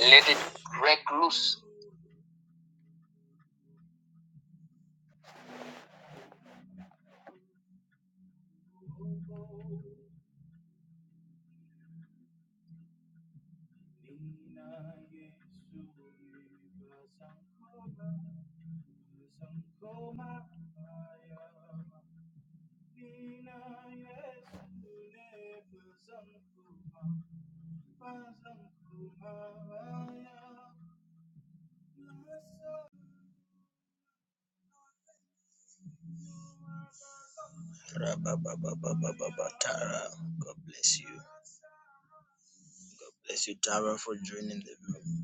Let it break loose. Tara, God bless you. God bless you, Tara, for joining the room.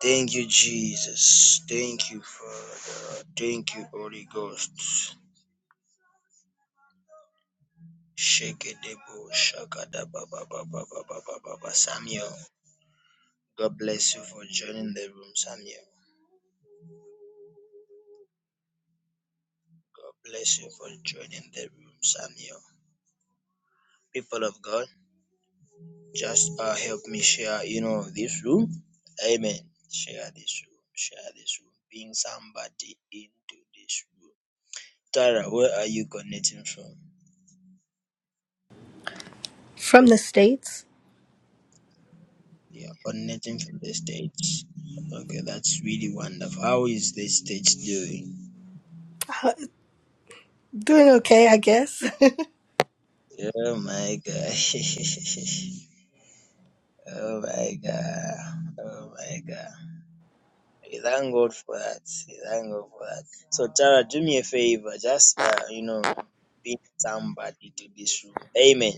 Thank you, Jesus. Thank you, Father. Thank you, Holy Ghost. Shake it, debo, shakada ba ba ba ba ba Samuel, God bless you for joining the room, Samuel. God bless you for joining the room, Samuel. People of God. Just uh, help me share, you know, this room. Amen. Share this room. Share this room. Bring somebody into this room. Tara, where are you connecting from? From the States? Yeah, connecting from the States. Okay, that's really wonderful. How is the States doing? Doing okay, I guess. Oh my God. oh my God. Oh my God. We thank God for that. We thank God for that. So Tara, do me a favor. Just uh, you know, ping somebody to this room. Amen.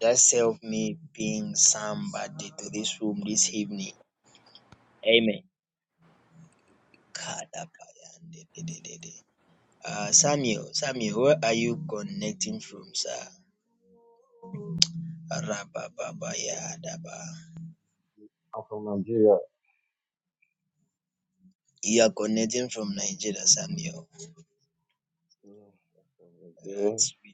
Just help me ping somebody to this room this evening. Amen. Kadabayandididididi. Uh, Samuel, Samuel, where are you connecting from, sir? Rabababayadaba. I'm from Nigeria. You are connecting from Nigeria, Samuel. Yeah, I'm from Nigeria. That's really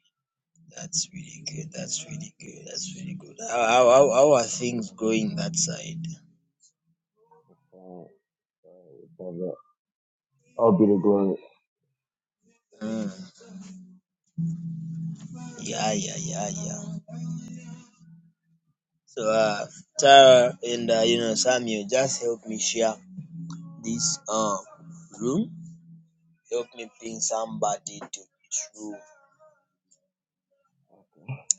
That's really good. That's really good. That's really good. How, how, how how are things going that side? Uh, uh, we call that- I'll be the Mm. Yeah, yeah, yeah, yeah. So, uh, Tara and, uh, you know, Samuel, just help me share this, um, room. Help me ping glory. somebody to this room.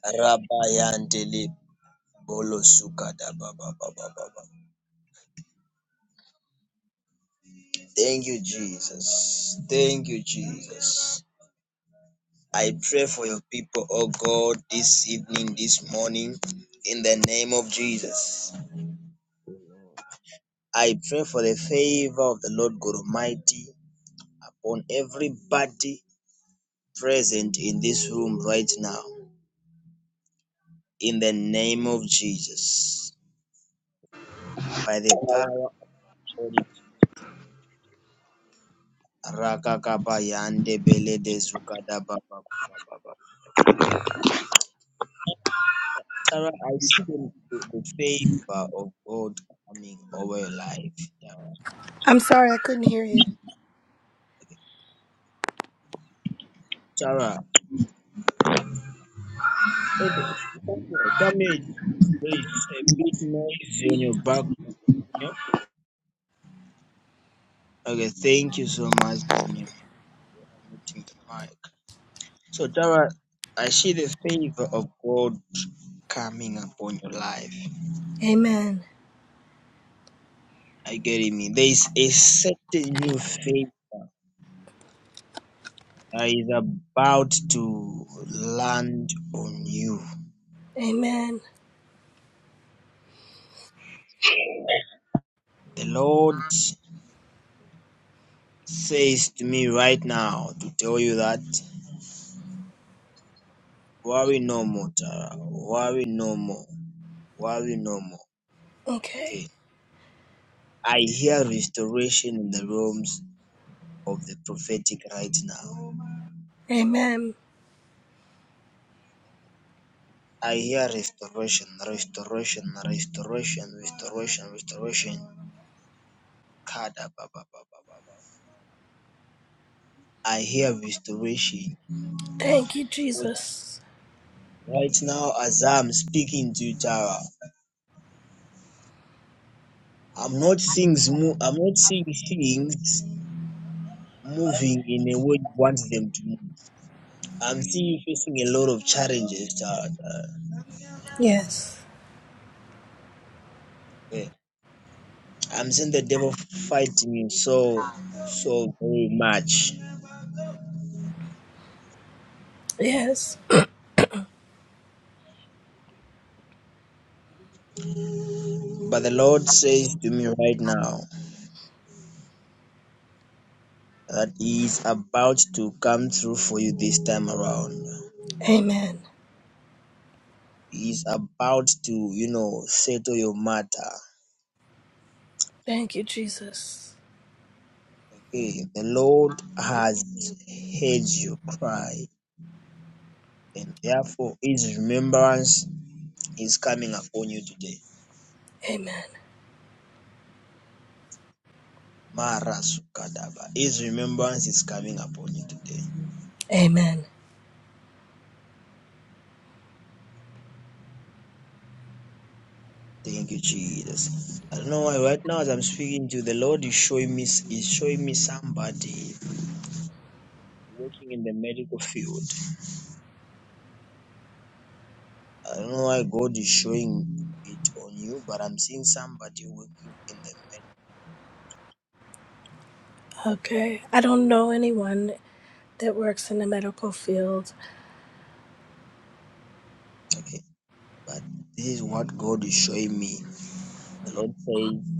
Rabayandele Bolosuka da ba ba ba ba ba ba. Thank you, Jesus. Thank you, Jesus. I pray for your people, oh God, this evening, this morning, in the name of Jesus. I pray for the favor of the Lord God Almighty upon everybody present in this room right now, in the name of Jesus. By the power of the Rakakabayande Belede Zukadabababababa. Sarah, I see the, the the favor of God coming over your life. I'm sorry I couldn't hear you. Sarah, Okay, Samuel, Samuel, there's a big noise on your background here. Okay, thank you so much, Samuel, for muting your mic. So, Tara, I see the favor of God coming upon your life. Amen. Are you getting me? There is a certain new favor that is about to land on you. Amen. The Lord says to me right now to tell you that worry no more, Tara. Worry no more. Worry no more. Okay. Okay. I hear restoration in the realms of the prophetic right now. Amen. I hear restoration, restoration, restoration, restoration, restoration. Kada ba ba ba ba ba ba. I hear restoration Thank you, because Jesus. right now, as I'm speaking to you, Tara, I'm not seeing mo- I'm not seeing things moving in a way you want them to move. I'm seeing you facing a lot of challenges, Tara. Tara. Yes. Yeah. I'm seeing the devil fighting me so, so very much. Yes. But the Lord says to me right now that He is about to come through for you this time around. Amen. He is about to, you know, settle your matter. Thank you, Jesus. Okay, the Lord has heard your cry, and therefore His remembrance is coming upon you today. Amen. Mara Sukadaba. His remembrance is coming upon you today. Amen. Thank you, Jesus. I don't know why right now as I'm speaking to you, the Lord is showing me is showing me somebody working in the medical field. I don't know why God is showing it on you, but I'm seeing somebody working in the med. Okay. I don't know anyone that works in the medical field. But this is what God is showing me. The Lord says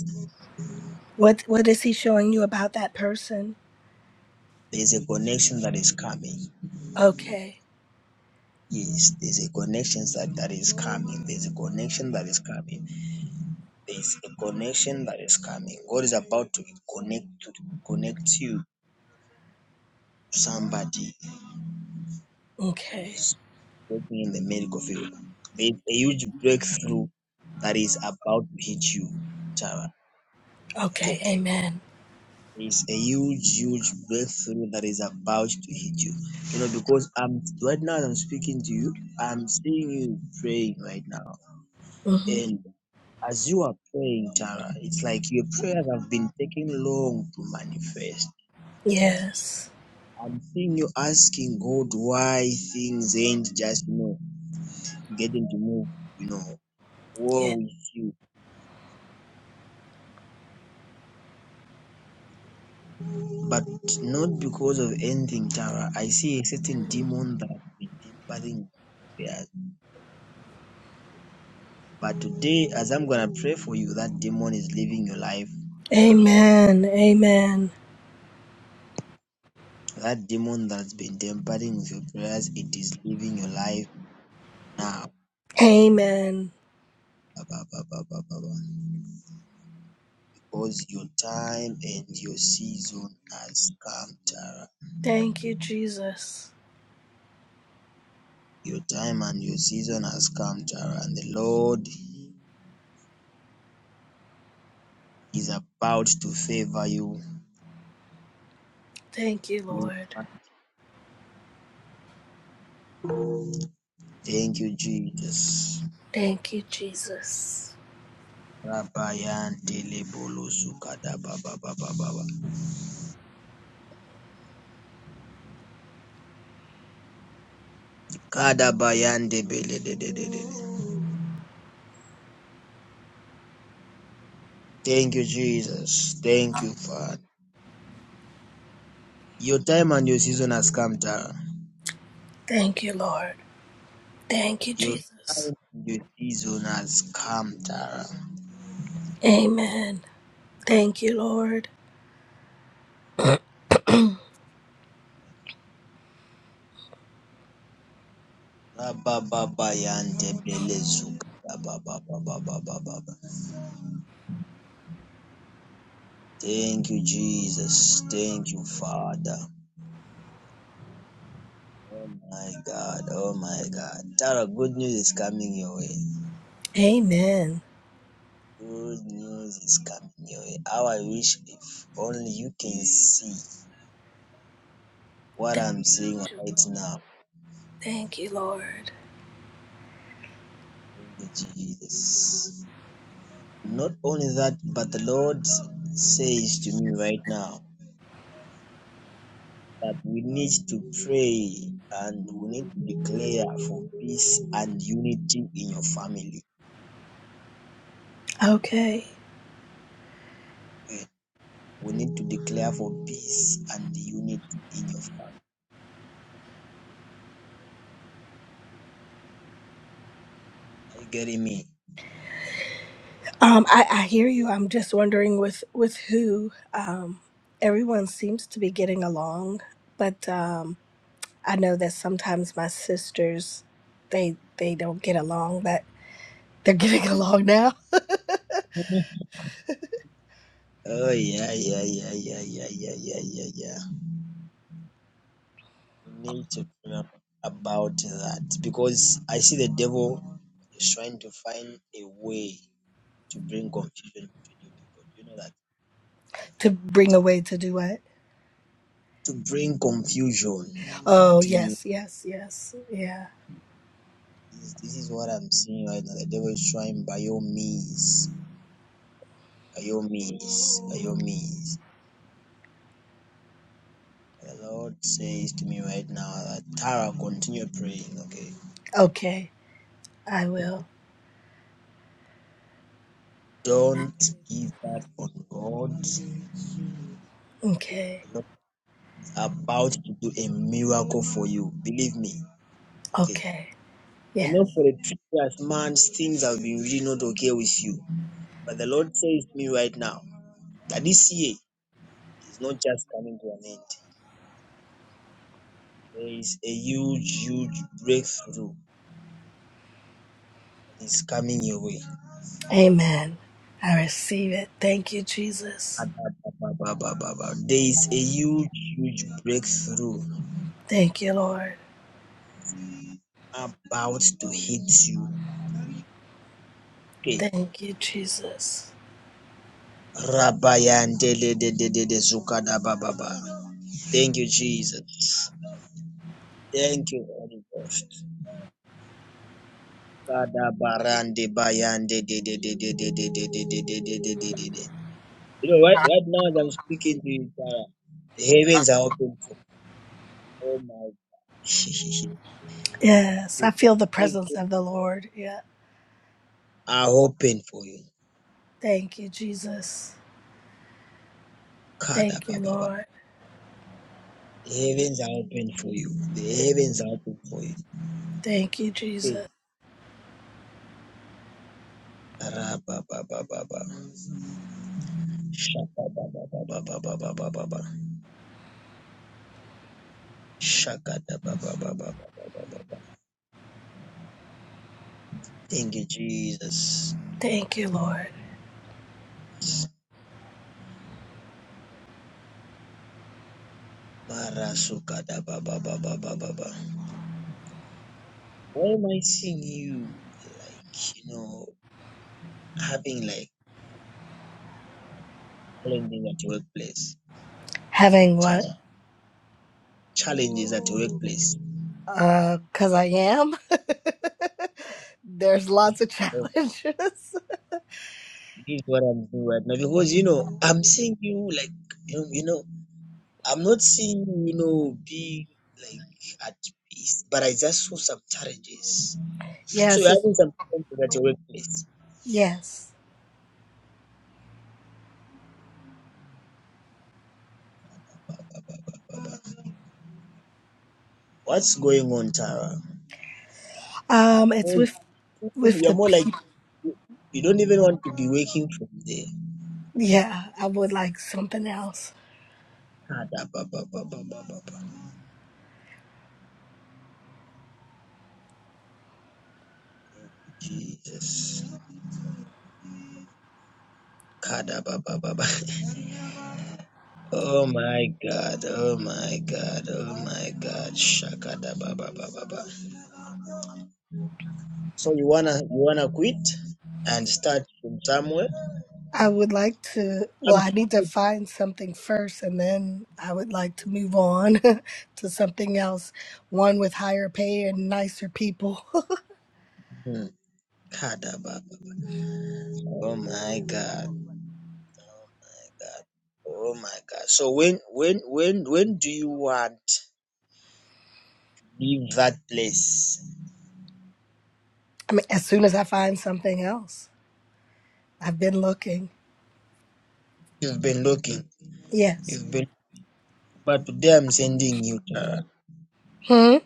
What what is he showing you about that person? there's a connection that is coming. Okay. Yes, there's a connection that, that is coming. There's a connection that is coming. There's a connection that is coming. God is about to connect to connect you to somebody who Okay. is working in the medical field. There's a huge breakthrough that is about to hit you, Tara. Okay. Okay. Amen. It's a huge, huge breakthrough that is about to hit you. You know, because I'm right now as I'm speaking to you, I'm seeing you praying right now. Mhm. And as you are praying, Tara, it's like your prayers have been taking long to manifest. Yes. I'm seeing you asking God why things ain't just, you know, getting to move, you know. Yeah. war with you, but not because of anything, Tara. I see a certain demon that has been tempering you. yeah. But today, as I'm gonna pray for you, that demon is leaving your life now. Amen. Amen. That demon that's been tempering with your prayers, it is leaving your life now. Amen. Ba, ba, ba, ba, ba, ba, Because your time and your season has come, Tara. Thank you, Jesus. Your time and your season has come, Tara, and the Lord is about to favor you Thank you, You Lord. are Thank you, Jesus. Thank you, Jesus. Rabayande lebolo sukada baba baba baba. Kada bayande bele de de de de. Thank you, Jesus. Thank you, Father. Your time and your season has come, Tara. Thank you, Lord. Thank you, Your Jesus. time and your season has come, Tara. Amen. Thank you, Lord. Rababayande bele sukada baba baba baba baba. Thank you, Jesus. Thank you, Father. Oh my God. Oh my God. Tara, good news is coming your way. Amen. Good news is coming your way. How I wish if only you can see what Thank I'm you, seeing Jesus. right now. Thank you, Lord. Thank you, Jesus. Not only that, but the Lord says to me right now that we need to pray and we need to declare for peace and unity in your family. Okay. We need to declare for peace and unity in your family. Are you getting me? Um, I, I hear you. I'm just wondering with with who. Um, everyone seems to be getting along, but um, I know that sometimes my sisters, they they don't get along, but they're getting along now. Oh yeah, yeah, yeah, yeah, yeah, yeah, yeah, yeah, yeah. We need to pray ab- about that because I see the devil is trying to find a way to bring confusion between you people. Do you know that? to bring away to do what? To bring confusion Oh, between you. yes, yes, yes. Yeah. This, this is what I'm seeing right now. The devil is trying by your means, by your means, by your means. The Lord says to me right now that Tara, continue praying, okay? Okay. I will. Thank Don't give up you, on God. The Okay. Lord is about to do a miracle for you. Believe me, Okay. Okay. I know Yes. for the three years, man, things have been really not okay with you. But the Lord says to me right now that this year is not just coming to an end. There is a huge, huge breakthrough that is coming your way. Amen. I receive it. Thank you, Jesus. Ababababababa. There is a huge, huge breakthrough Thank you, Lord. about to hit you. Okay. Thank you, Jesus. Rabayandele de de de de Thank you, Jesus. Thank you, Holy Ghost. Kada barande bayande de de de de de de de de de de de de de de. de. You know, right right now as I'm speaking to you, Sarah, the heavens are open for oh my things Yes. I feel the presence of the Lord. Yeah. are open for you. Thank you, Jesus. Kada Thank you, baba baba. Lord. The heavens are open for you. The heavens are open for you. Thank you, Okay. Jesus. Ra ba ba ba ba ba. Shaka ba ba ba ba ba ba ba ba ba ba. Shaka da ba ba ba ba ba ba ba ba ba. Thank you, Jesus. Thank you, Lord. Mara suka da ba ba ba ba ba ba ba. Why am I seeing you like, you know, having like challenges at your workplace? Having what? Cha- challenges at your workplace. Uh, cause I am. There's lots of Okay. challenges. This is what I'm doing right now because you know I'm seeing you like you know, you know I'm not seeing you you know be like at peace, but I just saw some challenges. So you're Yes, it's, having some challenges at your workplace. yes. What's going on, Tara? Um, it's Oh, with with You're the more p- like you you don't even want to be waking from there. yeah. I would like something else. Ah, da, ba, ba, ba, ba, ba, ba, ba. Jesus. kada Kadabababa. Oh my God. Oh my God. Oh my God. Shakadabababa. So you wanna you wanna quit and start from somewhere? I would like to. Well, Um, I need to find something first, and then I would like to move on to something else. One with higher pay and nicer people. hmm. Kadababa. Oh my God. Oh my God. Oh my God. So when when when when do you want to leave that place? I mean, as soon as I find something else, I've been looking. You've been looking. Yes. You've been but today I'm sending you. uh, Hmm.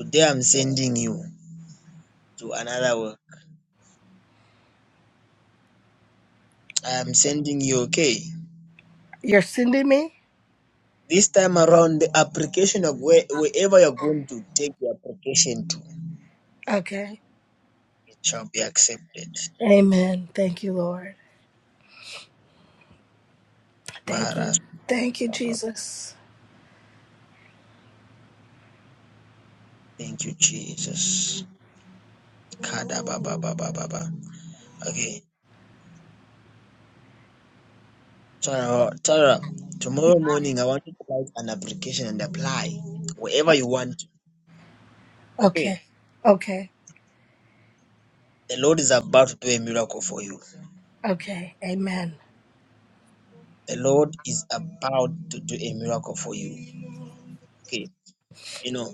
today I'm sending you to another world. I'm sending you, okay? You're sending me. This time around, the application of where, wherever you're going to take the application to, Okay. it shall be accepted. Amen. Thank you, Lord. Thank you. Maras. Thank you, Jesus. Thank you, Jesus. Kada Baba Baba Baba. Okay. Tara, Tara, tomorrow morning I want you to write an application and apply wherever you want. Okay. Okay. Okay. The Lord is about to do a miracle for you. Okay. Amen. The Lord is about to do a miracle for you. Okay. You know,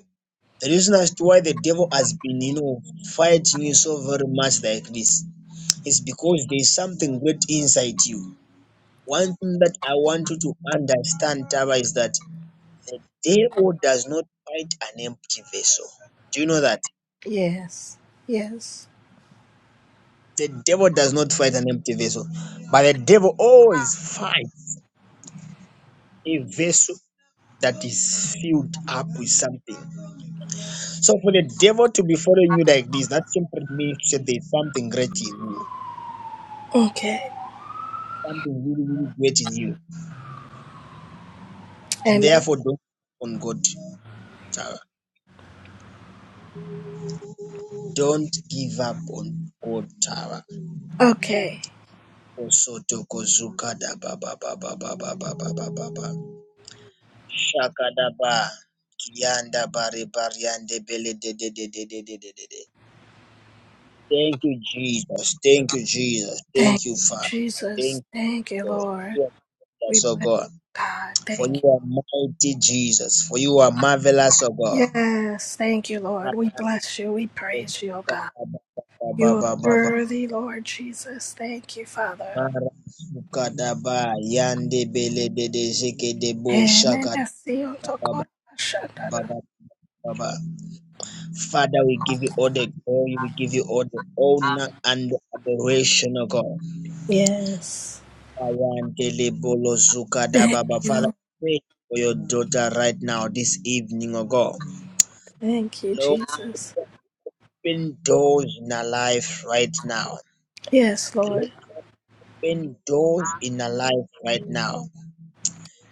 The reason as to why the devil has been, you know, fighting you so very much like this is because there is something great inside you. One thing that I want you to understand, Taba, is that the devil does not fight an empty vessel. Do you know that? Yes. Yes. The devil does not fight an empty vessel, but the devil always fights a vessel that is filled up with something. So for the devil to be following you like this, that simply means that there is something great in you. Okay. something really, really great in you. And Amen. therefore, don't give up on God Tara. Don't give up on God Tara. Okay. Osoto kozuka da ba ba ba ba ba ba ba ba ba ba ba. Shaka da ba. Kianda bari bariande bele de de de de de de de de de. Thank you, Jesus. Thank you, Jesus. Thank Thank you, you, Father. Jesus. Thank you, Thank you, God. Lord. You are We so bless God. you, God. For Thank you you. are mighty, Jesus. For you are marvelous, O God. Yes. Thank you, Lord. We bless you. We praise you, oh God. You are Baba baba worthy, Lord Jesus. Thank you, Father. Bara sukadaba yande bele bede zeke debo Amen. shaka I see you. baba baba baba. Father, we give you all the glory, we give you all the honor and the adoration, O God. Yes. Ayandele bolo zukada Thank baba. Father, you. pray for your daughter right now, this evening, O God. Thank you, Lord, Jesus. open doors in her life right now. Yes, Lord. Open doors in her life right now.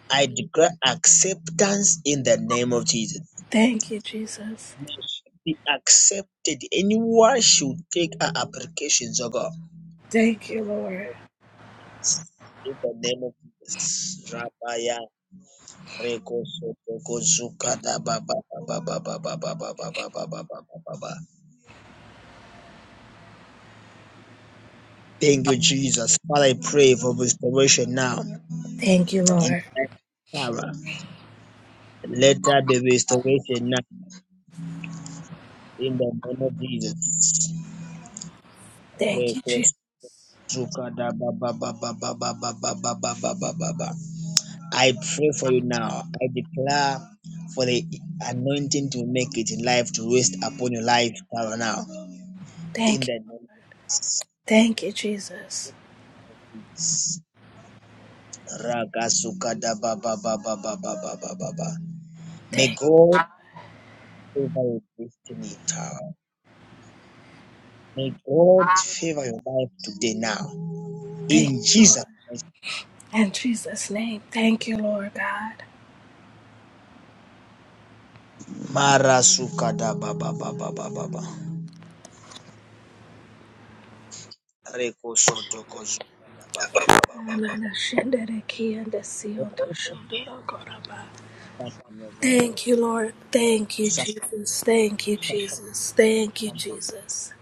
I declare acceptance in the name of Jesus. Thank you, Jesus. We should Be accepted. Anyone should take our applications, oh God. Thank you, Lord. In the name of Jesus. Rabaya Reko Sotoko Zukata ba ba ba ba ba ba ba Thank you, Jesus. Father, I pray for restoration now. Thank you, In Lord. the Sarah. Let there be restoration now. In the name of Jesus. Thank you, Reko Jesus. Zukadabababababababababa. I pray for you now. I declare for the anointing to make it in life to rest upon your life power now. In Thank you. the name Thank you, Jesus. Ragazukadababababababababa. May Thank, God favor your destiny now. May God favor your life today now. thank In you, Lord. Jesus Christ. In Jesus' name, thank you, Lord God. Marasukadababababababa. Rekosotokozukadabababababa. Thank you, Lord. Thank you, Jesus. Thank you, Jesus. Thank you, Jesus.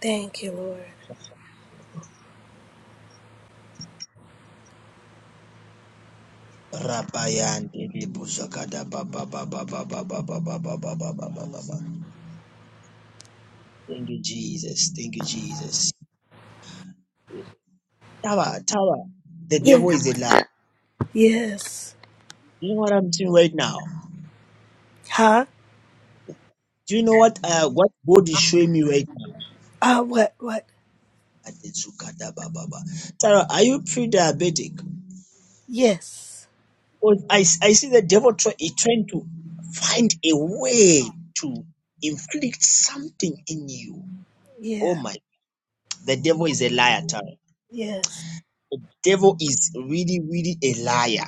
Thank you, Lord. Rabayandele buzakada ba ba ba ba ba ba ba ba ba ba ba ba ba ba ba ba. Thank you, Jesus. Thank you, Jesus. Tower, tower. The devil Yeah. is a lie. Yes. Do you know what I'm doing right now? Huh? Do you know what uh what God is showing me right now? Uh, what? What? Adezukada ba ba ba. Tara, are you pre-diabetic? Yes. Because I, s- I see the devil try, is trying to find a way to inflict something in you. Oh Yeah. my The devil is a liar, Tara. Yes. The devil is really, really a liar.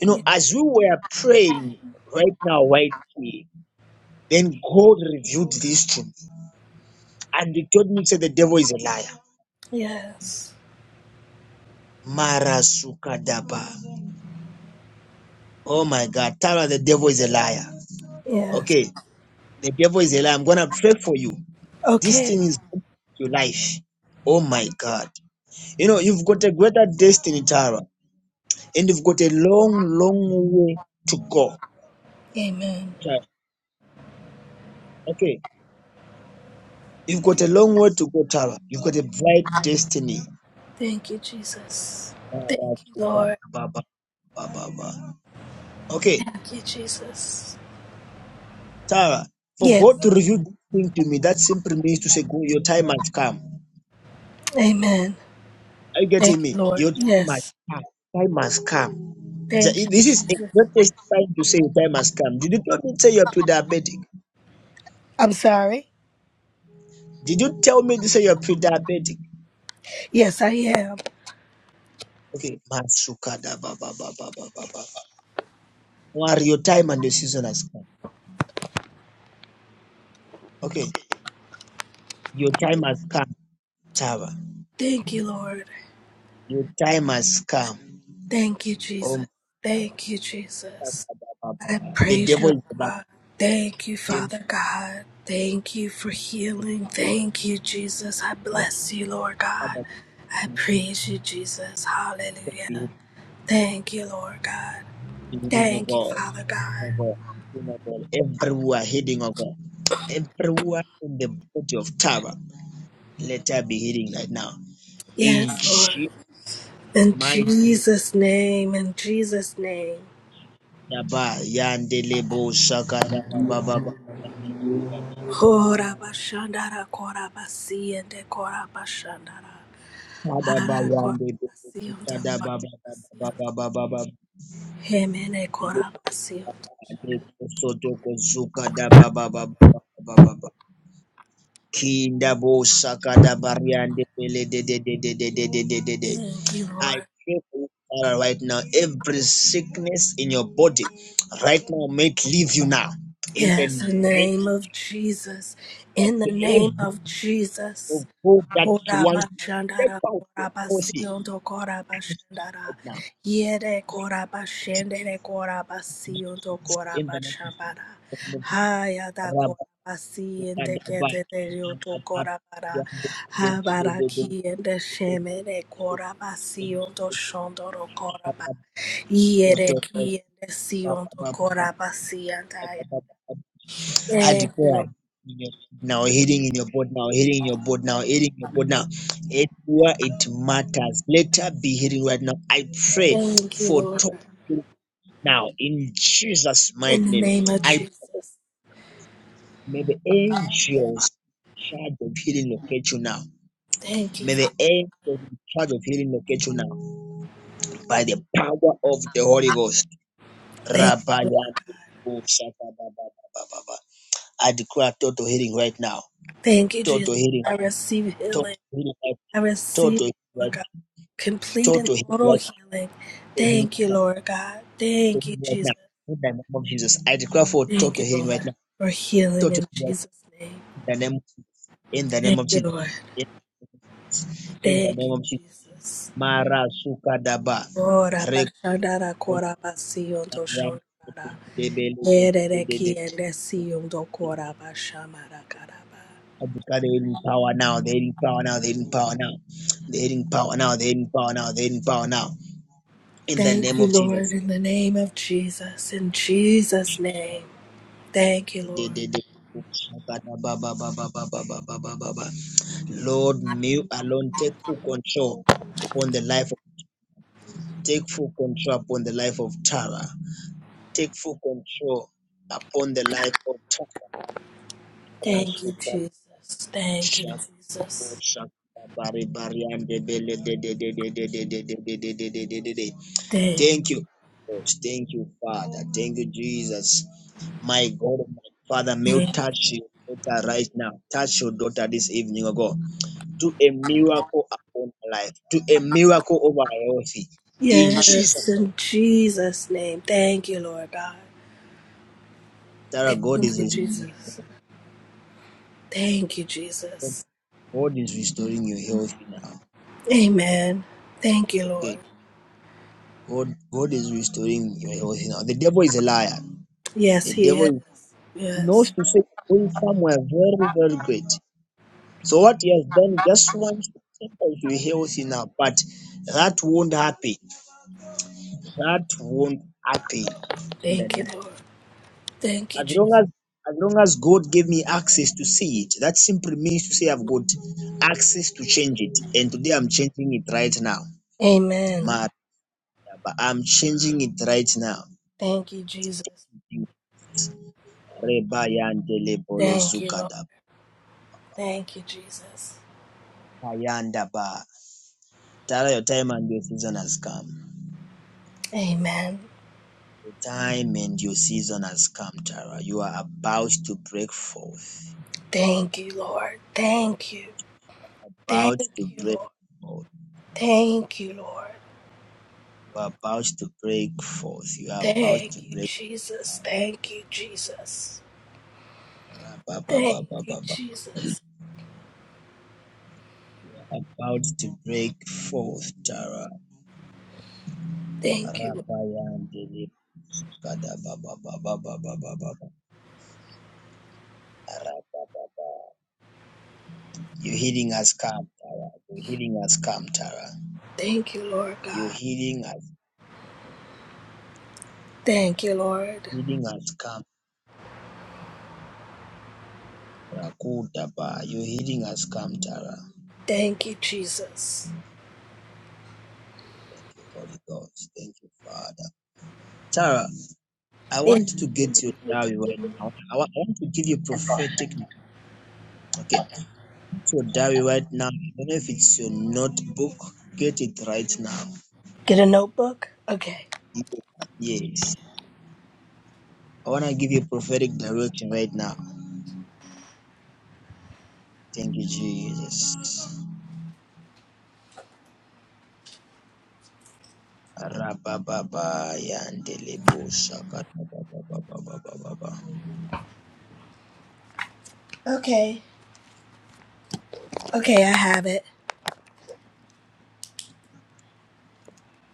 You know, as we were praying right now, right here, then God revealed this to me. And he told me, he said, the devil is a liar. Yes. Marasukadaba. Oh my God, Tara, the devil is a liar. Yes. Okay, the devil is a liar. I'm gonna pray for you. This Okay. thing is your life. Oh my God. You know, you've got a greater destiny, Tara, and you've got a long, long way to go. Amen. Okay. You've got a long way to go, Tara. You've got a bright destiny. Thank you, Jesus. Thank you, Lord. Okay, Thank you, Jesus. Tara, for Yes. God to reveal this thing to me, that simply means to say, "Go, your time has come. Amen. Are you getting Thank me? you, Lord. Your time has Yes. come. Time has come. Thank Th- you, This is a Jesus. greatest sign to say your time has come. Did you tell me to say you're pre-diabetic? I'm sorry. Did you tell me to say you're pre-diabetic? Yes, I am. Okay, Masukada Baba Baba Baba. Your time and your season has come. Okay, your time has come, Tara. Thank you, Lord. Your time has come. Thank you, Oh, my Jesus. Thank you, Jesus. God. I the praise devil you, is about God. Thank you, the devil. Father God. Thank you for healing. is about- Thank you, Jesus. I yeah, bless you, Lord God. Father, I we praise you, Jesus. thank Hallelujah. you Thank you, Lord God. in the name of Thank you, God. Father Oh God. God. Oh God. Everywhere heading, of God. Everywhere in the body of Tara, let her be healing right now. In Yes, Lord. Jesus' In mighty name. Jesus' name, in Jesus' name. Daba, yandele, bo, shaka, daba, ba, ba, ba, ba, ba. Hora bashandara kora basi ende kora bashandara. Kadaba, Hara kora yandele, bo, basi shaka, onda kora daba, ba, basi ba, ba, onda. ba, ba, ba, Hemene ba. kora basi onda. Sotoko zuka da ba ba ba Kinda bo saka da bariande pele de de de de de de de de de de. Thank you, I Lord. pray for you, Father, right now. Every sickness in your body, right now, make leave you now. In the Yes, in the name name of Jesus. of In the name every of Jesus. food that you want to step Horamashandara out your body korabasiondo korabashandara. right now. Yere korabashendere korabasiondo In the name korabashambara. of Hayada Jesus. korabasiende Ukadaba keteterioto Yantata korabara. Yango Habarakiende shemere korabasiondo shondoro koraba. Yere Soto kiende siondo korabasiandaya. I Thank you, declare Lord. in your, now healing in your body now healing in your body now healing in your body now it where it matters later be healing right now I pray Thank you, for Lord. total healing now in Jesus mighty In the name name of I Jesus. pray may the angels charge of healing locate you now Thank you, May the Father. angels in charge of healing locate you now by the power of the Holy Ghost. Thank you, Lord. Rabayati bo shaka ba ba ba ba ba I declare total healing right now. Thank you, Jesus. Total healing. I receive Total healing. healing right I now. receive, Total healing Lord right God, now. complete and Total healing total right now. healing. Total healing Thank right you, now. Lord God. Thank Total you, healing right Jesus. now. In the name of Jesus. I declare for Thank total you, healing right Lord, now. for healing Total in healing right now. Jesus' name. in the name in the name Thank of you, Jesus. Lord. In the name of Jesus. in the Thank name you, of Jesus. Jesus. Mara sukadaba. Ora pa daba. kora pa Africa, Erereki elesi yondo koraba shamara karaba. they're in power now, they're in power now, they're in power now, they're in power now, they're in power now, they're in power now. In the Thank name you, of Lord, Jesus. in the name of Jesus. In Jesus' name. Thank you, They- Lord. they- they- Lord, you alone take full control upon the life of take full control upon the life of Tara. Take full control upon the life of Thank you, Tara Jesus. Thank you, Thank Jesus. Thank you. Lord. Thank you, Father. Thank you, Jesus. My God, my Father, may you you. touch your daughter right now. Touch your daughter this evening, oh God. Do a miracle upon her life. Do a miracle over her healthy. In Jesus, Yes, in Jesus' name. Thank you, Lord God. Sarah, Thank God is you, restoring you. Jesus. Thank you, Jesus. God is restoring your health now. Amen. Thank you, Okay. Lord. God, God is restoring your health now. The devil is a liar. Yes, The He devil is. is He knows Yes. to say going somewhere very, very great. So what he has done, just one sentence you heal you now, but that won't happen. That won't happen. In the Thank you, name. Lord. Thank you, As long Jesus. as as long as God gave me access to see it, that simply means to say I've got access to change it. And today I'm changing it right now. Amen. Ma- But I'm changing it right now. Thank you, Jesus. Reba yandele bolo Thank you, Lord. zukada. Thank you, Jesus. Ayanda ba. Tara your time and your season has come. Amen. The time and your season has come, Tara. You are about to break forth. Thank you, Lord. Thank you. About Thank to you, break Lord. forth. Thank you, Lord. You are about to break forth. You are about Thank to you, break. Jesus. Thank you, Jesus. Ra- ba- ba- ba- Thank ba- you, ba- ba. Jesus. You are about to break forth, Tara. Thank you. Lord. Rabayandele kada ba- ba- ba- ba- ba- ba- ba- ba- ba. Ra- ba- ba- ba. Your healing has come, Tara. Your healing has come, Tara. Thank you, Lord Your God. healing has Thank you, Lord. healing has come. Rakuda ba. Your healing has come, Tara. Thank you, Jesus. Thank you, Holy Ghost. Thank you, Father. Tara, I Yeah. want to get your diary right now. I want, I want to give you prophetic. Okay, so diary right now. I don't know if it's your notebook. Get it right now. Get a notebook? Okay. Yes. I want to give you prophetic direction right now. Thank you, Jesus. Rabababa, yandelebo, shakadababababababa. Okay. Okay, I have it.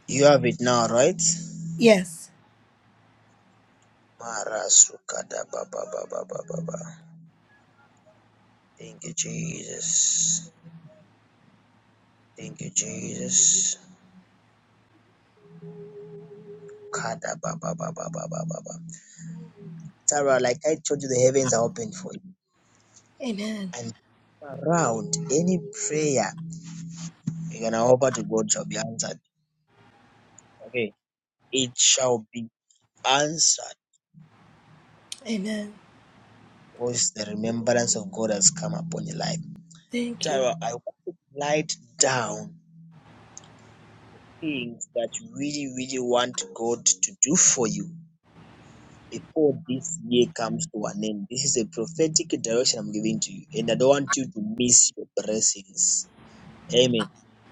You have it now, right? Yes. Mara Thank you, Jesus. Thank you, Jesus. Kada ba ba ba ba ba ba ba. ba. Sarah, like I told you, the heavens are open for you. Amen. And around any prayer you're gonna offer to God shall be answered. Okay. It shall be answered Amen. because the remembrance of God has come upon your life. Thank you. Sarah, Lord. I want to write down things that you really, really want God to do for you before this year comes to an end. This is a prophetic direction I'm giving to you, and I don't want you to miss your blessings. Amen.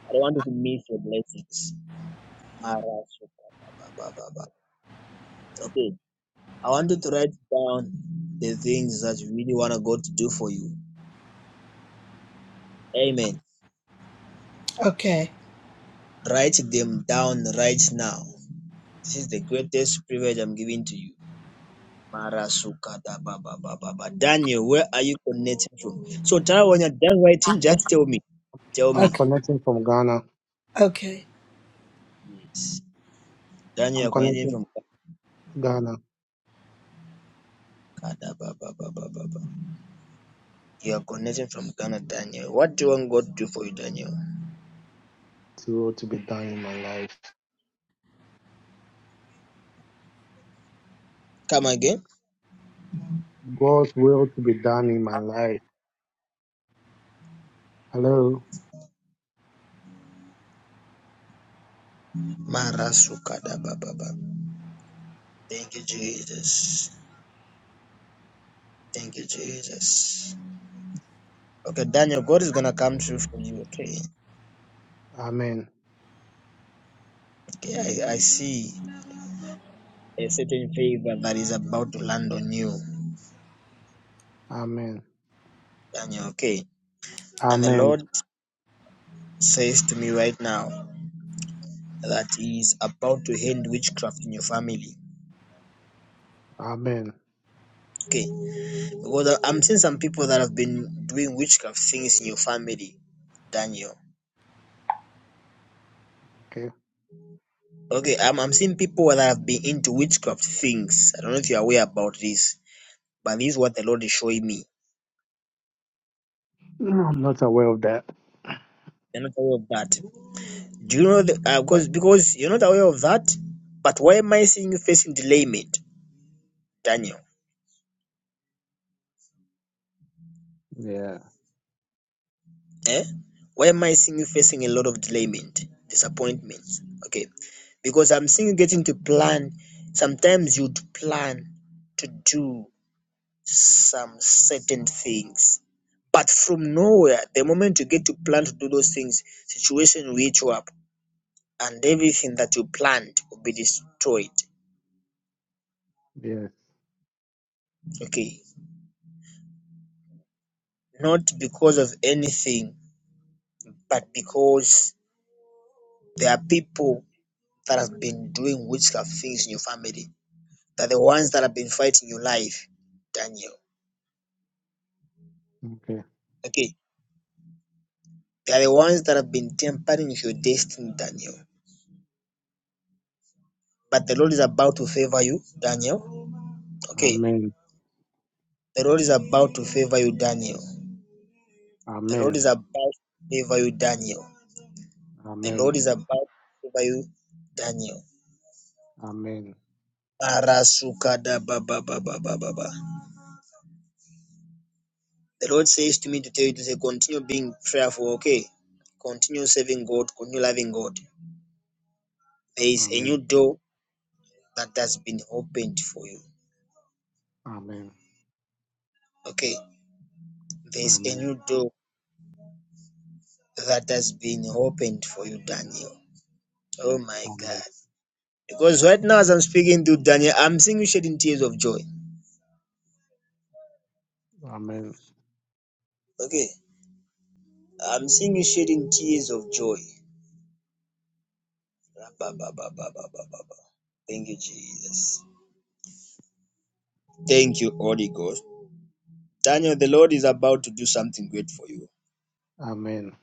I don't want you to miss your blessings. Marasukababababa. Okay, I want you to write down the things that you really want God to do for you. Amen. Okay. Write them down right now. This is the greatest privilege I'm giving to you. Marasukata Baba Baba Baba. Daniel, where are you connecting from? So Tara, when you're done writing, just tell me. Tell I'm Okay. me. connecting from Ghana. Okay. Yes. Daniel, I'm you're connecting connecting from from Ghana Kada Baba Baba Baba. You are connecting from Ghana, Daniel. What do you want God to do for you, Daniel? to will to be done in my life. Come again. God's will to be done in my life. Hello. Marasukada Baba Baba. Thank you, Jesus. Thank you, Jesus. Okay, Daniel, God is gonna come through for you, okay? Amen. Okay, I, I see a certain favor that is about to land on you. Amen. Daniel, okay? And the Amen. Lord says to me right now that He is about to end witchcraft in your family. Amen. Okay, because I- am seeing some people that have been doing witchcraft things in your family, Daniel. Okay. Okay, I'm, I'm seeing people that have been into witchcraft things. I don't know if you're aware about this, but this is what the Lord is showing me. No, I'm not aware of that. You're not aware of that. Do you know that? Uh, because, because you're not aware of that, but why am I seeing you facing delayment, Daniel? Yeah. Eh? Why am I seeing you facing a lot of delayment, disappointments? Okay. Because I'm seeing you getting to plan. Sometimes you'd plan to do some certain things. But from nowhere, the moment you get to plan to do those things, situation will hit you up and everything that you planned will be destroyed. Yes. Okay. Not because of anything, but because there are people that have been doing witchcraft things in your family They're the ones that have been fighting your life, Daniel. Okay. Okay. They are the ones that have been tampering with your destiny, Daniel. But the Lord is about to favor you, Daniel. Okay. Amen. The Lord is about to favor you, Daniel. The Lord Amen. is about to favor you, Daniel. The Amen. Lord is about to favor you, Daniel. Amen. The Lord says to me to tell you to say, continue being prayerful, okay? Continue serving God, continue loving God. There is a Amen. new door that has been opened for you. Amen. Okay, there's a Amen. new door that has been opened for you, Daniel. Oh Amen. my Amen. God. Because right now, as I'm speaking to Daniel, I'm seeing you shedding tears of joy. Amen. Okay, I'm seeing you shedding tears of joy. rabba Thank you, Jesus. Thank you, Holy Ghost. Daniel, the Lord is about to do something great for you. Amen.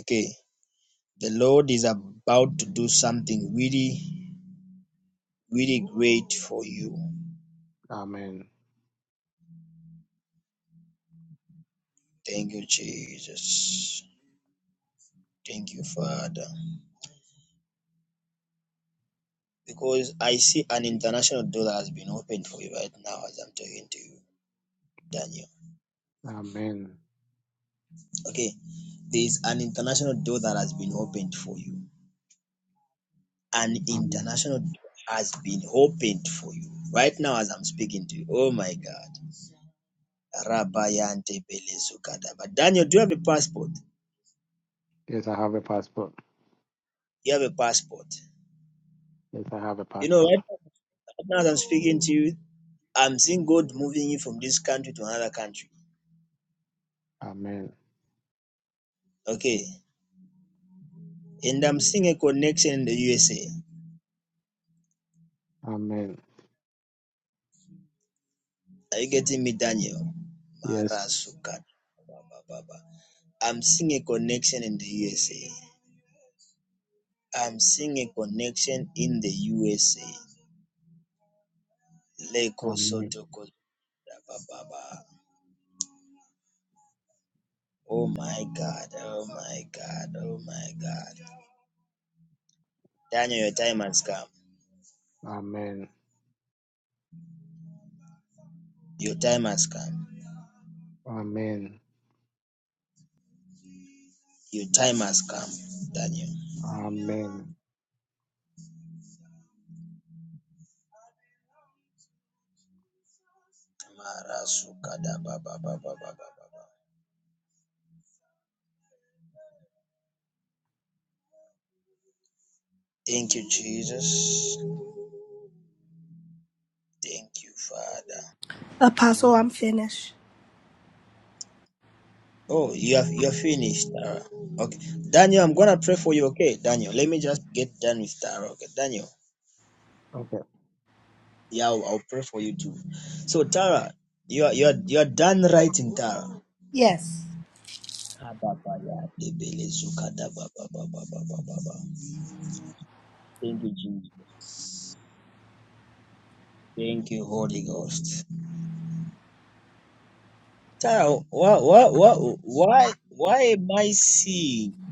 Okay, the Lord is about to do something really, really great for you. Thank you, Jesus. Thank you, Father. because I see an international door has been opened for you right now as I'm talking to you, Daniel. Amen. Okay, there's an international door that has been opened for you. An Amen. international door has been opened for you right now as I'm speaking to you. Oh my God. Rabayante Belezukada. But Daniel, do you have a passport? Yes, I have a passport. You have a passport. Yes, I have a You know, passport. right right now as I'm speaking to you, I'm seeing God moving you from this country to another country. Amen. Okay. And I'm seeing a connection in the USA. Amen. Are you getting me, Daniel? Yes. Marasuka. ba, ba, I'm seeing a connection in the USA. I'm seeing a connection in the USA. Leko Amen. Sotoko. da, ba, ba, Oh my God. Oh my God. Oh my God. Daniel, your time has come. Amen. Your time has come. Amen. Your time has come, Daniel. Amen. Marasuka. da, ba, ba, ba, Thank you, Jesus. Thank you, Father. Apostle, Amen. I'm finished. Oh, you have you're finished, Tara. Okay, Daniel, I'm gonna pray for you. Okay, Daniel, let me just get done with Tara. Okay, Daniel, Okay. yeah, I'll, I'll pray for you too. So Tara, you are you're you're done writing, Tara. Yes. Kababaya, debele, zukada, ba, ba, ba, ba, ba, ba, ba, ba. Thank you, Jesus. Thank you, Holy Ghost. Tara, why why why why why am I seeing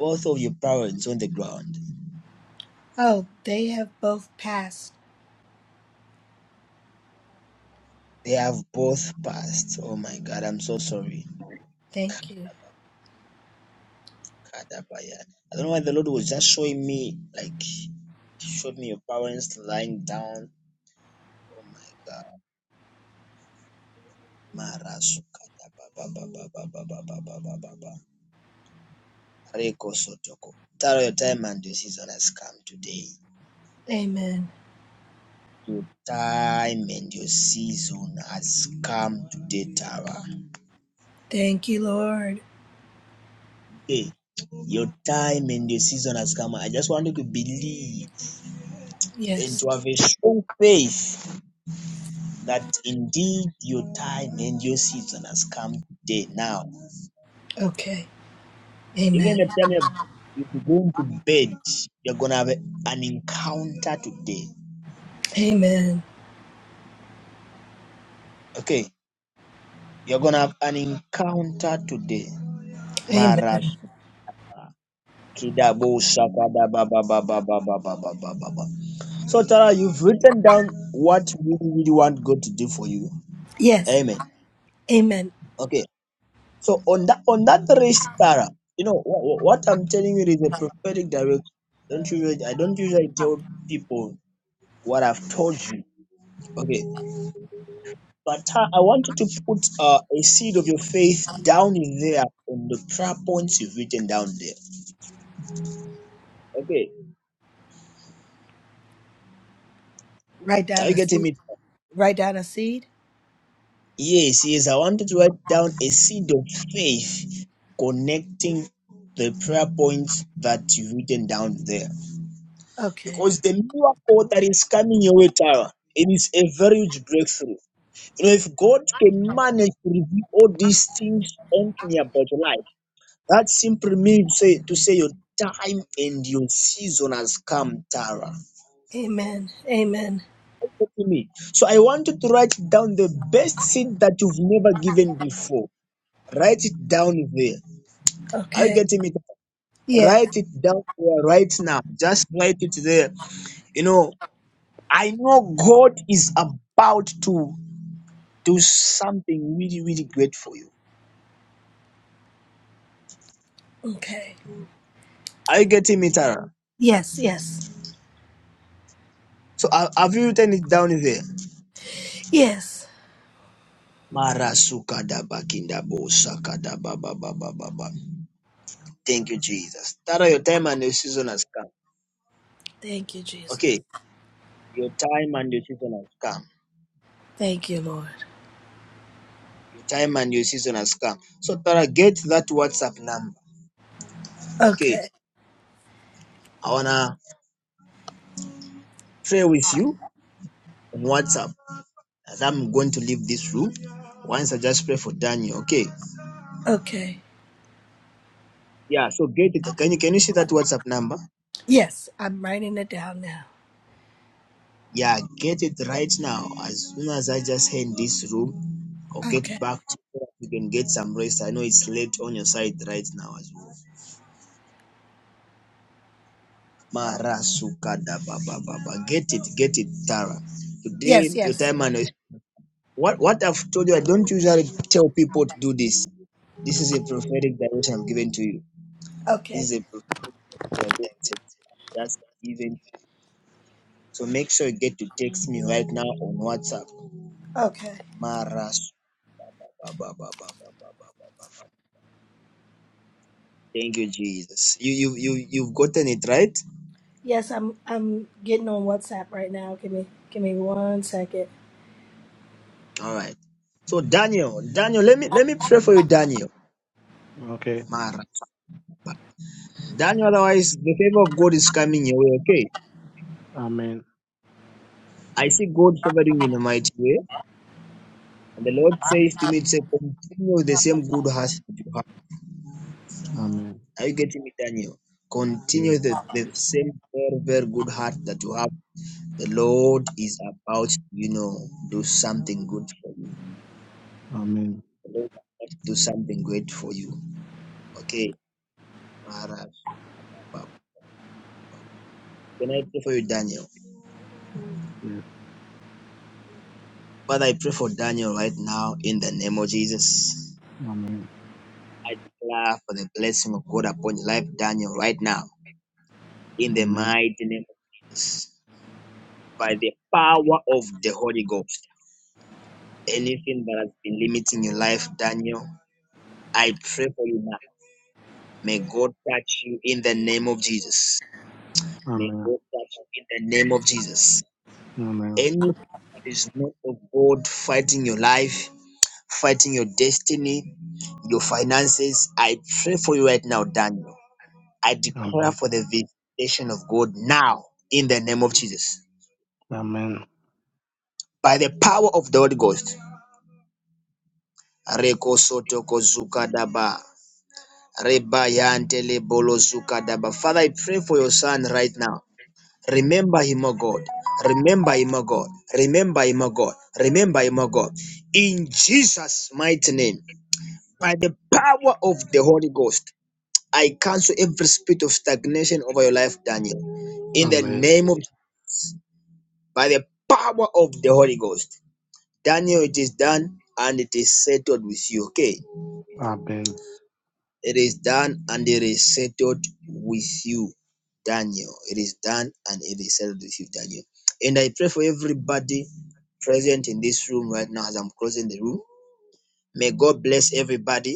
both of your parents on the ground? Oh, they have both passed. They have both passed. Oh my God, I'm so sorry. Thank you. Kadabaya. I don't know why the Lord was just showing me, like, showed me your parents lying down. Oh my God. Marasu kadababababababababababa. Reko sotoko. Tara, your time and your season has come today. Amen. Your time and your season has come today, Tara. Thank you, Lord. Okay. Your time and your season has come. I just want you to believe and Yes. to have a strong faith that indeed your time and your season has come today. Now, Okay. even the Amen. time you're you going to bed, you're going to have an encounter today. Amen. Okay, you're going to have an encounter today. Amen. So Tara, you've written down what you really want God to do for you. Yes. Amen. Amen. Okay. So on that on that race para, you know what, what I'm telling you is a prophetic direction. Don't usually I don't usually tell people what I've told you. Okay, but uh, I want you to put uh, a seed of your faith down in there on the prayer points you've written down there. Okay, Write are down you a getting seed. me? Write down a seed. Yes, yes. I wanted to write down a seed of faith connecting the prayer points that you've written down there. Okay. Because the miracle that is coming your way, Tara, it is a very huge breakthrough. You know, if God can manage to reveal all these things unto me about your life, that simply means say, to say your time and your season has come, Tara. Amen. Amen. Listen to me. So I want you to write down the best seed that you've never given before. Write it down there. Are you Okay. getting me? Yes. Write it down there right now. Just write it there. You know, I know God is about to. do something really, really great for you. Okay. Are you getting me, Tara? Yes. Yes. So uh, have you written it down here? Yes. Marasuka da kinda bosa kada ba ba ba ba ba ba. Thank you, Jesus. Tara, your time and your season has come. Thank you, Jesus. Okay, your time and your season has come. Thank you, Lord. Your time and your season has come. So Tara, get that WhatsApp number. Okay, Okay. I wanna pray with you on WhatsApp. And I'm going to leave this room. Once I just pray for Daniel. Okay. Okay. Yeah. So get it. Can you can you see that WhatsApp number? Yes. I'm writing it down now. Yeah, get it right now. As soon as I just hand this room, I'll get Okay. back to you. You can get some rest. I know it's late on your side right now as well. Mara sukada baba baba. Get it, get it, Tara. Yes, Today your yes. time and what what I've told you, I don't usually tell people to do this. This is a prophetic direction i am giving to you. This Okay. is a prophetic direction that's given. So make sure you get to text me right now on WhatsApp. Okay. Mara sukada baba baba. Thank you, Jesus. You you you you've gotten it right. Yes, I'm I'm getting on WhatsApp right now. Give me give me one second. All right. So Daniel, Daniel, let me let me pray for you, Daniel. Okay. Mara. Daniel, otherwise the favor of God is coming your way. Okay. Amen. I see God favoring you in a mighty way. And the Lord says to me, say, continue with the same good heart that you have. Amen. Are you getting me, Daniel? Yes. Continue the, the same very, very good heart that you have. The Lord is about, you know, do something good for you. Amen. The Lord is about to do something great for you. Okay. Can I pray for you, Daniel? Yes. Father, I pray for Daniel right now in the name of Jesus. Amen. I declare for the blessing of God upon your life, Daniel, right now in the Amen. mighty name of Jesus. By the power of the Holy Ghost, anything that has been limiting your life, Daniel, I pray for you now. May God touch you in the name of Jesus. May Amen. God touch you in the name of Jesus. Amen. Anything that is not of God fighting your life, fighting your destiny, your finances. I pray for you right now, Daniel. I declare Amen. for the visitation of God now in the name of Jesus. Amen. By the power of the Holy Ghost. Reko soto ko zuka daba. Reba yante le bolo zuka daba. Father, I pray for your son right now. Remember him, O God. Remember him, O God. Remember him, O God. Remember him, O God. In Jesus' mighty name, by the power of the Holy Ghost. I cancel every spirit of stagnation over your life, Daniel. In the Amen. name of, by the power of the Holy Ghost. Daniel, it is done and it is settled with you, okay? Amen. It is done and it is settled with you, Daniel. It is done and it is settled with you, Daniel. And I pray for everybody present in this room right now as I'm closing the room. May God bless everybody.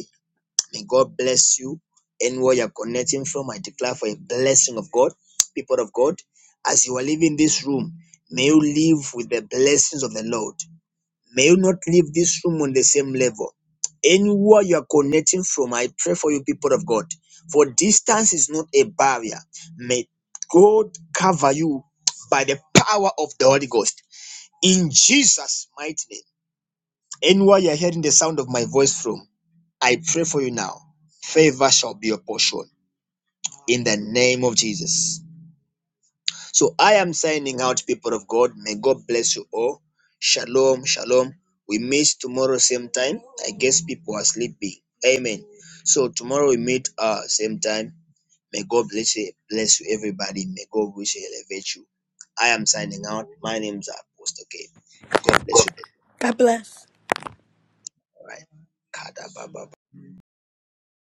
May God bless you. Anywhere you're connecting from, I declare for a blessing of God, people of God. As you are leaving this room, may you live with the blessings of the Lord. May you not leave this room on the same level. Anywhere you are connecting from, I pray for you, people of God. For distance is not a barrier. May God cover you by the power of the Holy Ghost. In Jesus' mighty name. Anywhere you're hearing the sound of my voice from, I pray for you now. Favor shall be your portion in the name of Jesus. So I am signing out, people of God. May God bless you all. Shalom, shalom. We meet tomorrow, same time. I guess people are sleeping. Amen. So tomorrow we meet uh same time. May God bless you, bless you everybody. May God wish you elevate you. I am signing out. My name is Apostle K. God bless you. God bless. All right. Kada baba.